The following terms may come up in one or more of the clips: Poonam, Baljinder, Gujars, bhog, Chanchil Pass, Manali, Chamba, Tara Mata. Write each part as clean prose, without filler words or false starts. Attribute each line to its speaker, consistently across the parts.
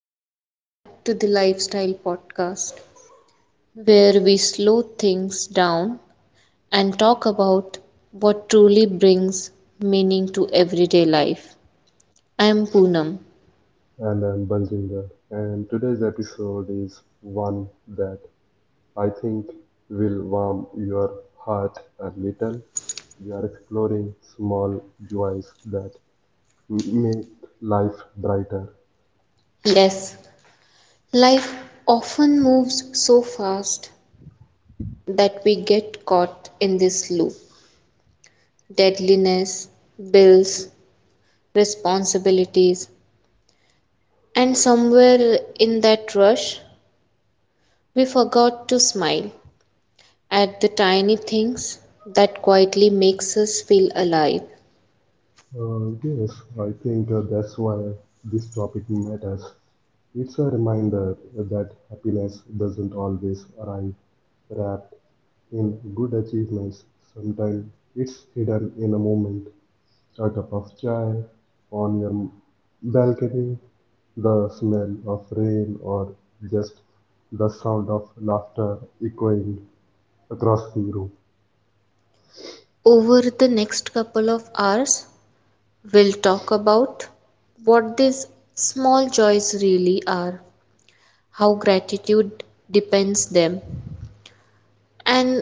Speaker 1: welcome back to the Lifestyle Podcast, where we slow things down and talk about what truly brings meaning to everyday life. I am Poonam.
Speaker 2: And I'm Baljinder, and today's episode is one that I think will warm your heart a little. We are exploring small joys that make life brighter.
Speaker 1: Yes, life often moves so fast that we get caught in this loop deadliness, bills, responsibilities, and somewhere in that rush, we forgot to smile at the tiny things that quietly makes us feel alive.
Speaker 2: Yes, I think that's why this topic matters. It's a reminder that happiness doesn't always arrive wrapped in good achievements. Sometimes it's hidden in a moment at a cup of chai on your balcony, the smell of rain, or just the sound of laughter echoing across the room.
Speaker 1: Over the next couple of hours, we'll talk about what these small joys really are, how gratitude depends them, and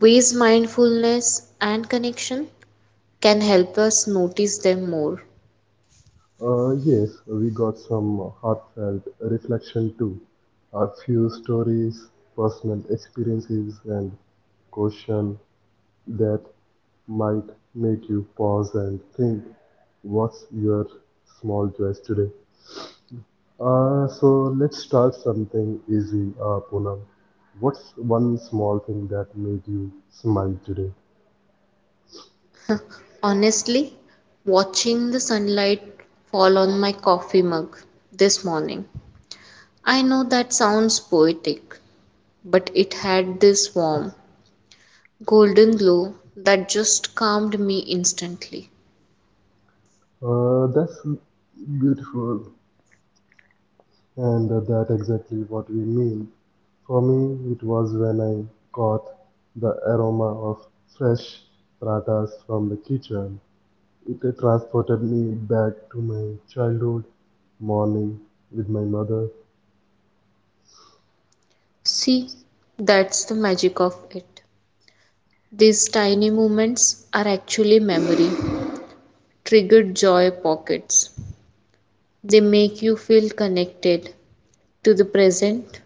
Speaker 1: ways mindfulness and connection can help us notice them more.
Speaker 2: Yes, we got some heartfelt reflection too. A few stories, personal experiences, and questions that might make you pause and think, what's your small choice today? So let's start something easy, Poonam. What's one small thing that made you smile today?
Speaker 1: Honestly, watching the sunlight fall on my coffee mug this morning. I know that sounds poetic, but it had this warm, golden glow that just calmed me instantly.
Speaker 2: That's beautiful, and that exactly what we mean. For me, it was when I caught the aroma of fresh pratas from the kitchen. It transported me back to my childhood morning with my mother.
Speaker 1: See, that's the magic of it. These tiny moments are actually memory triggered joy pockets. They make you feel connected to the present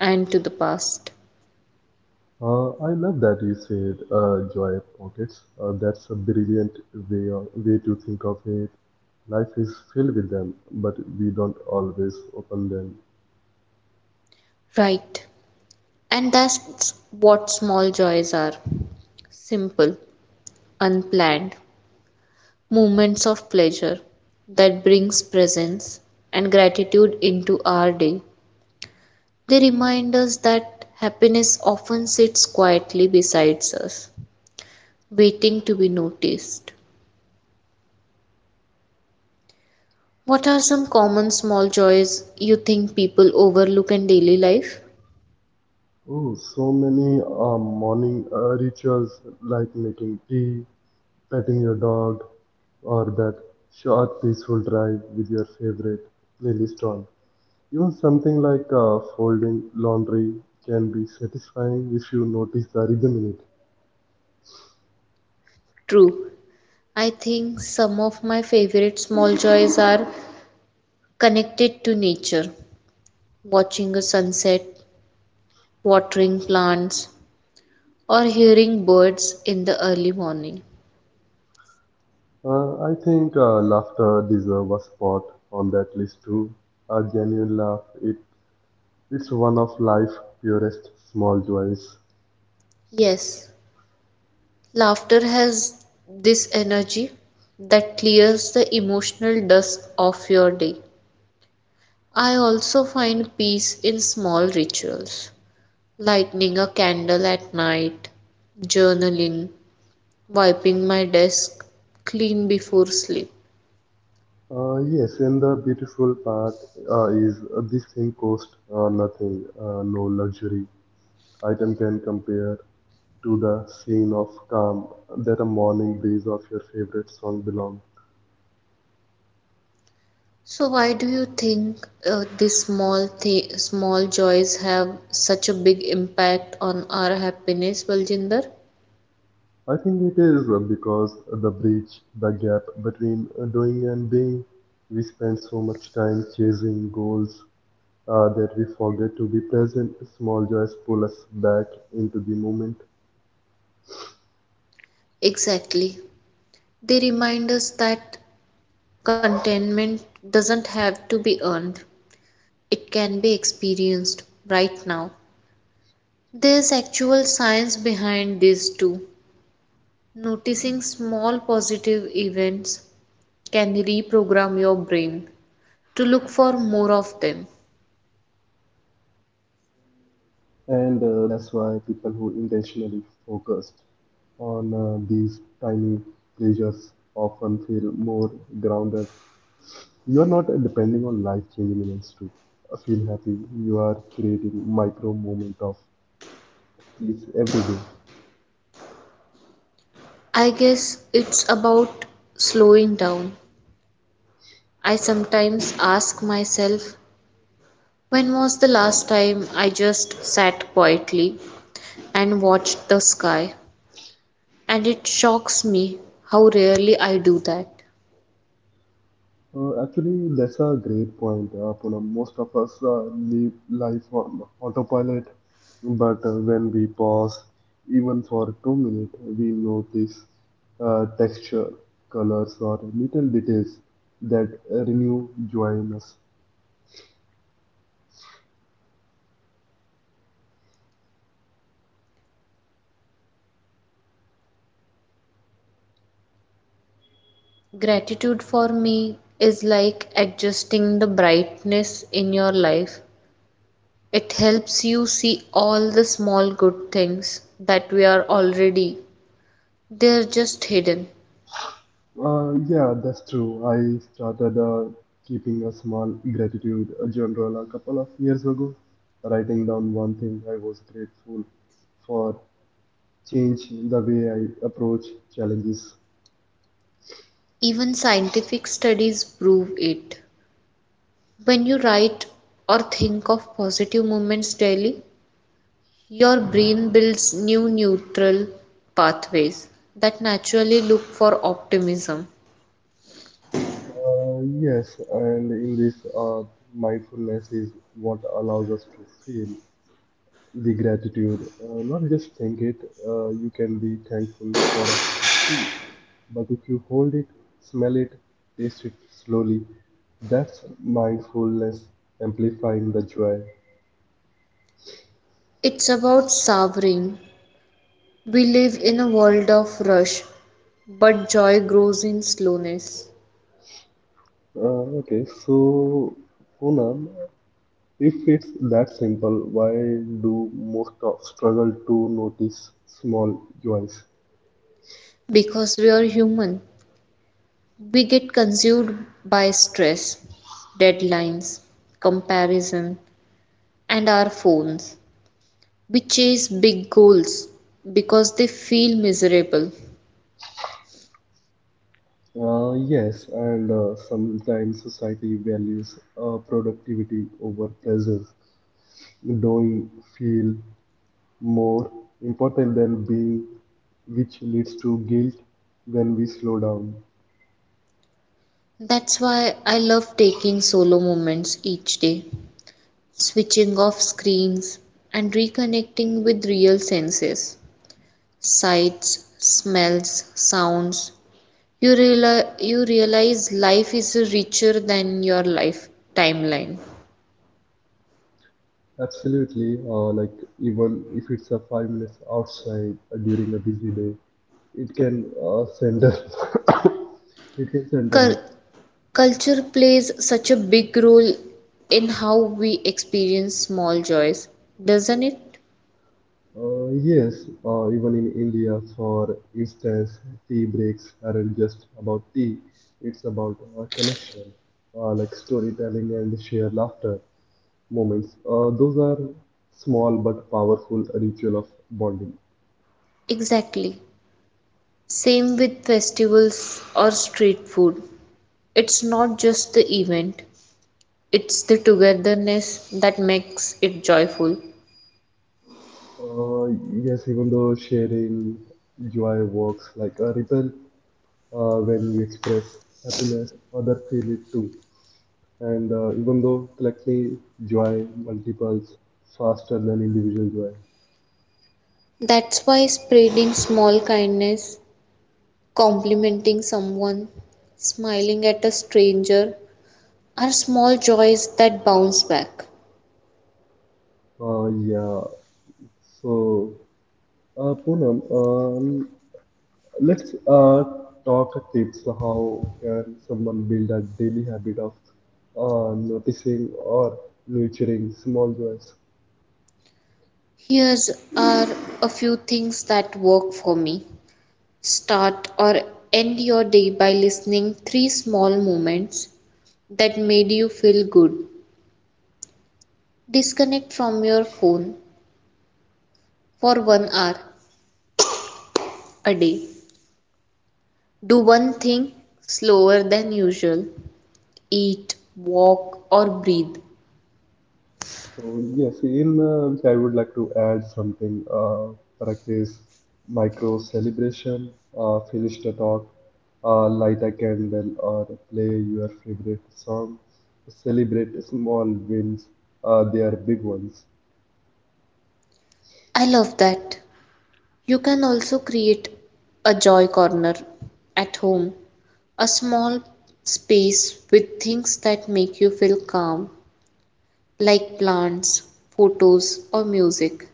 Speaker 1: and to the past.
Speaker 2: I love that you said joy pockets. That's a brilliant way to think of it. Life is filled with them, but we don't always open them.
Speaker 1: Right. And that's what small joys are simple, unplanned, moments of pleasure that brings presence and gratitude into our day. They remind us that happiness often sits quietly beside us, waiting to be noticed. What are some common small joys you think people overlook in daily life?
Speaker 2: Oh, so many morning rituals like making tea, petting your dog, or that short peaceful drive with your favorite playlist on. Even something like folding laundry can be satisfying if you notice the rhythm in it.
Speaker 1: True, I think some of my favorite small joys are connected to nature, watching a sunset, watering plants, or hearing birds in the early morning.
Speaker 2: I think laughter deserves a spot on that list too. A genuine laugh, it's one of life's purest small joys.
Speaker 1: Yes, laughter has this energy that clears the emotional dust off your day. I also find peace in small rituals, lighting a candle at night, journaling, wiping my desk clean before sleep.
Speaker 2: Yes, and the beautiful part is this thing costs nothing. No luxury item can compare to the scene of calm that a morning breeze of your favorite song belongs.
Speaker 1: So why do you think these small small joys have such a big impact on our happiness, Baljinder?
Speaker 2: I think it is because the gap between doing and being, we spend so much time chasing goals that we forget to be present. Small joys pull us back into the moment,
Speaker 1: Exactly. They remind us that contentment doesn't have to be earned, it can be experienced right now. There's actual science behind this too. Noticing small positive events can reprogram your brain to look for more of them.
Speaker 2: and that's why people who intentionally focused on these tiny pleasures often feel more grounded. You are not depending on life changing events to feel happy. You are creating micro moment of. Yes, every day.
Speaker 1: I guess it's about slowing down. I sometimes ask myself, when was the last time I just sat quietly and watched the sky? And it shocks me how rarely I do that.
Speaker 2: Actually, that's a great point, Poonam. Most of us live life on autopilot, but when we pause, even for 2 minutes, we notice texture, colors, or little details that renew joy in us.
Speaker 1: Gratitude for me is like adjusting the brightness in your life. It helps you see all the small good things that we are already. They're just hidden.
Speaker 2: Yeah, that's true. I started keeping a small gratitude journal a couple of years ago, writing down one thing I was grateful for change the way I approach challenges.
Speaker 1: Even scientific studies prove it. When you write or think of positive moments daily, your brain builds new neutral pathways that naturally look for optimism.
Speaker 2: Yes, and in this, mindfulness is what allows us to feel the gratitude. Not just think it, you can be thankful for a cup of tea, but if you hold it, smell it, taste it slowly, that's mindfulness amplifying the joy.
Speaker 1: It's about savoring. We live in a world of rush, but joy grows in slowness.
Speaker 2: Okay, so Poonam, if it's that simple, why do most of struggle to notice small joys?
Speaker 1: Because we are human, we get consumed by stress, deadlines, comparison, and our phones. We chase big goals because they feel miserable.
Speaker 2: Yes, and sometimes society values productivity over presence. Doing feel more important than being, which leads to guilt when we slow down.
Speaker 1: That's why I love taking solo moments each day, switching off screens, and reconnecting with real senses. Sights, smells, sounds. You realize life is richer than your life timeline.
Speaker 2: Absolutely, like even if it's a 5 minutes outside during a busy day, it can send it can send
Speaker 1: Cul-
Speaker 2: you.
Speaker 1: Culture plays such a big role in how we experience small joys, doesn't it?
Speaker 2: Yes, even in India, for instance, tea breaks aren't just about tea, it's about connection, like storytelling and shared laughter moments. Those are small but powerful ritual of bonding.
Speaker 1: Exactly. Same with festivals or street food. It's not just the event, it's the togetherness that makes it joyful.
Speaker 2: Uh, yes, even though sharing joy works like a ripple, when you express happiness, others feel it too. And even though collectively joy multiples faster than individual joy.
Speaker 1: That's why spreading small kindness complimenting someone, smiling at a stranger are small joys that bounce back.
Speaker 2: Yeah. So, Poonam, let's talk tips. How can someone build a daily habit of noticing or nurturing small joys?
Speaker 1: Here's are a few things that work for me. Start or end your day by listening three small moments that made you feel good. Disconnect from your phone for 1 hour a day. Do one thing slower than usual. Eat, walk or breathe.
Speaker 2: So, yes, in which I would like to add something. Practice micro celebration. Finish the talk. Light a candle or play your favorite song. Celebrate small wins. They are big ones.
Speaker 1: I love that. You can also create a joy corner at home, a small space with things that make you feel calm, like plants, photos, or music.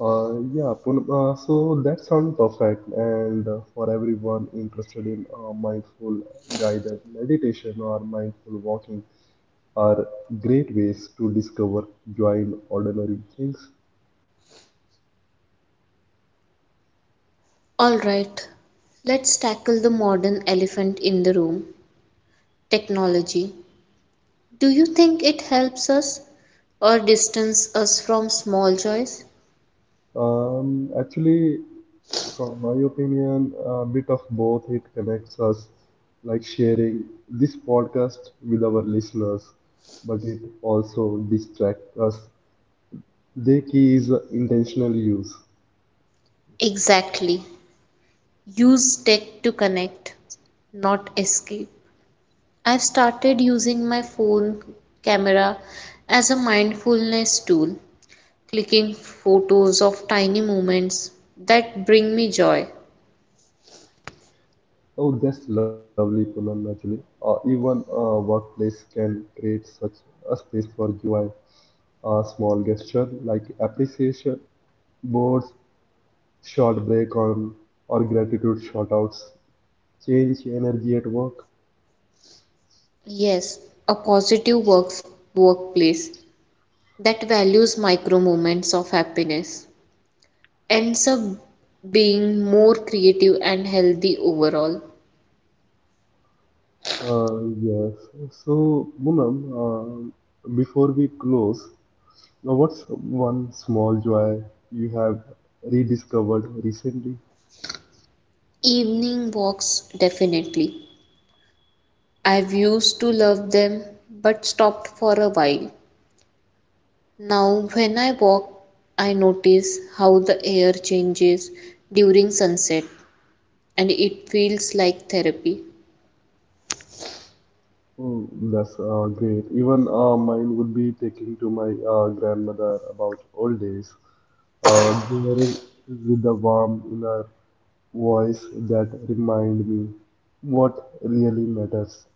Speaker 2: Yeah, Poonam, so that sounds perfect. And for everyone interested in mindful guided meditation or mindful walking, are great ways to discover joy in ordinary things.
Speaker 1: Alright, let's tackle the modern elephant in the room technology. Do you think it helps us or distance us from small joys?
Speaker 2: Actually, from my opinion, a bit of both. It connects us, like sharing this podcast with our listeners, but it also distracts us. The key is intentional use.
Speaker 1: Exactly. Use tech to connect, not escape. I've started using my phone camera as a mindfulness tool, clicking photos of tiny moments that bring me joy.
Speaker 2: Oh, that's lovely, Poonam, actually. Even a workplace can create such a space for joy. A small gesture like appreciation, boards, short break on, or gratitude shoutouts change energy at work.
Speaker 1: Yes, a positive workplace that values micro moments of happiness ends up being more creative and healthy overall.
Speaker 2: Uh, yes. So, Poonam, before we close, now what's one small joy you have rediscovered recently?
Speaker 1: Evening walks, definitely. I've used to love them but stopped for a while. Now, when I walk, I notice how the air changes during sunset, and it feels like therapy.
Speaker 2: Oh, that's great. Even mine would be taking to my grandmother about old days. There with a warm inner voice that remind me what really matters.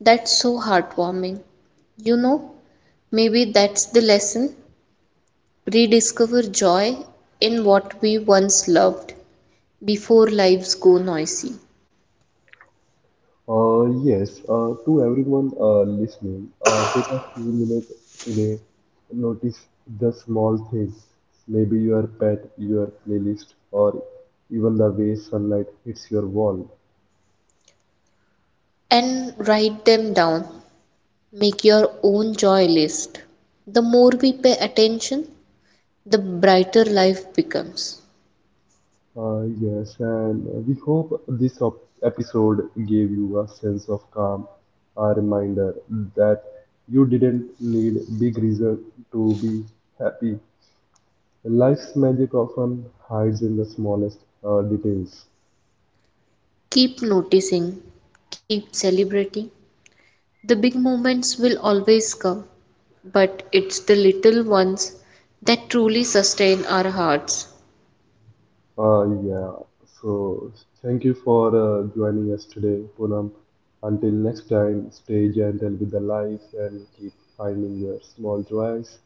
Speaker 1: That's so heartwarming. You know, maybe that's the lesson. Rediscover joy in what we once loved before lives go noisy.
Speaker 2: Yes, to everyone listening, take a few minutes today. Notice the small thing, maybe your pet, your playlist, or even the way sunlight hits your wall.
Speaker 1: And write them down. Make your own joy list. The more we pay attention, the brighter life becomes.
Speaker 2: Yes, and we hope this episode gave you a sense of calm, a reminder that you didn't need big reason to be happy. Life's magic often hides in the smallest details.
Speaker 1: Keep noticing, keep celebrating. The big moments will always come, but it's the little ones that truly sustain our hearts.
Speaker 2: Yeah, so thank you for joining us today, Poonam. Until next time, stay gentle with the life and keep finding your small joys.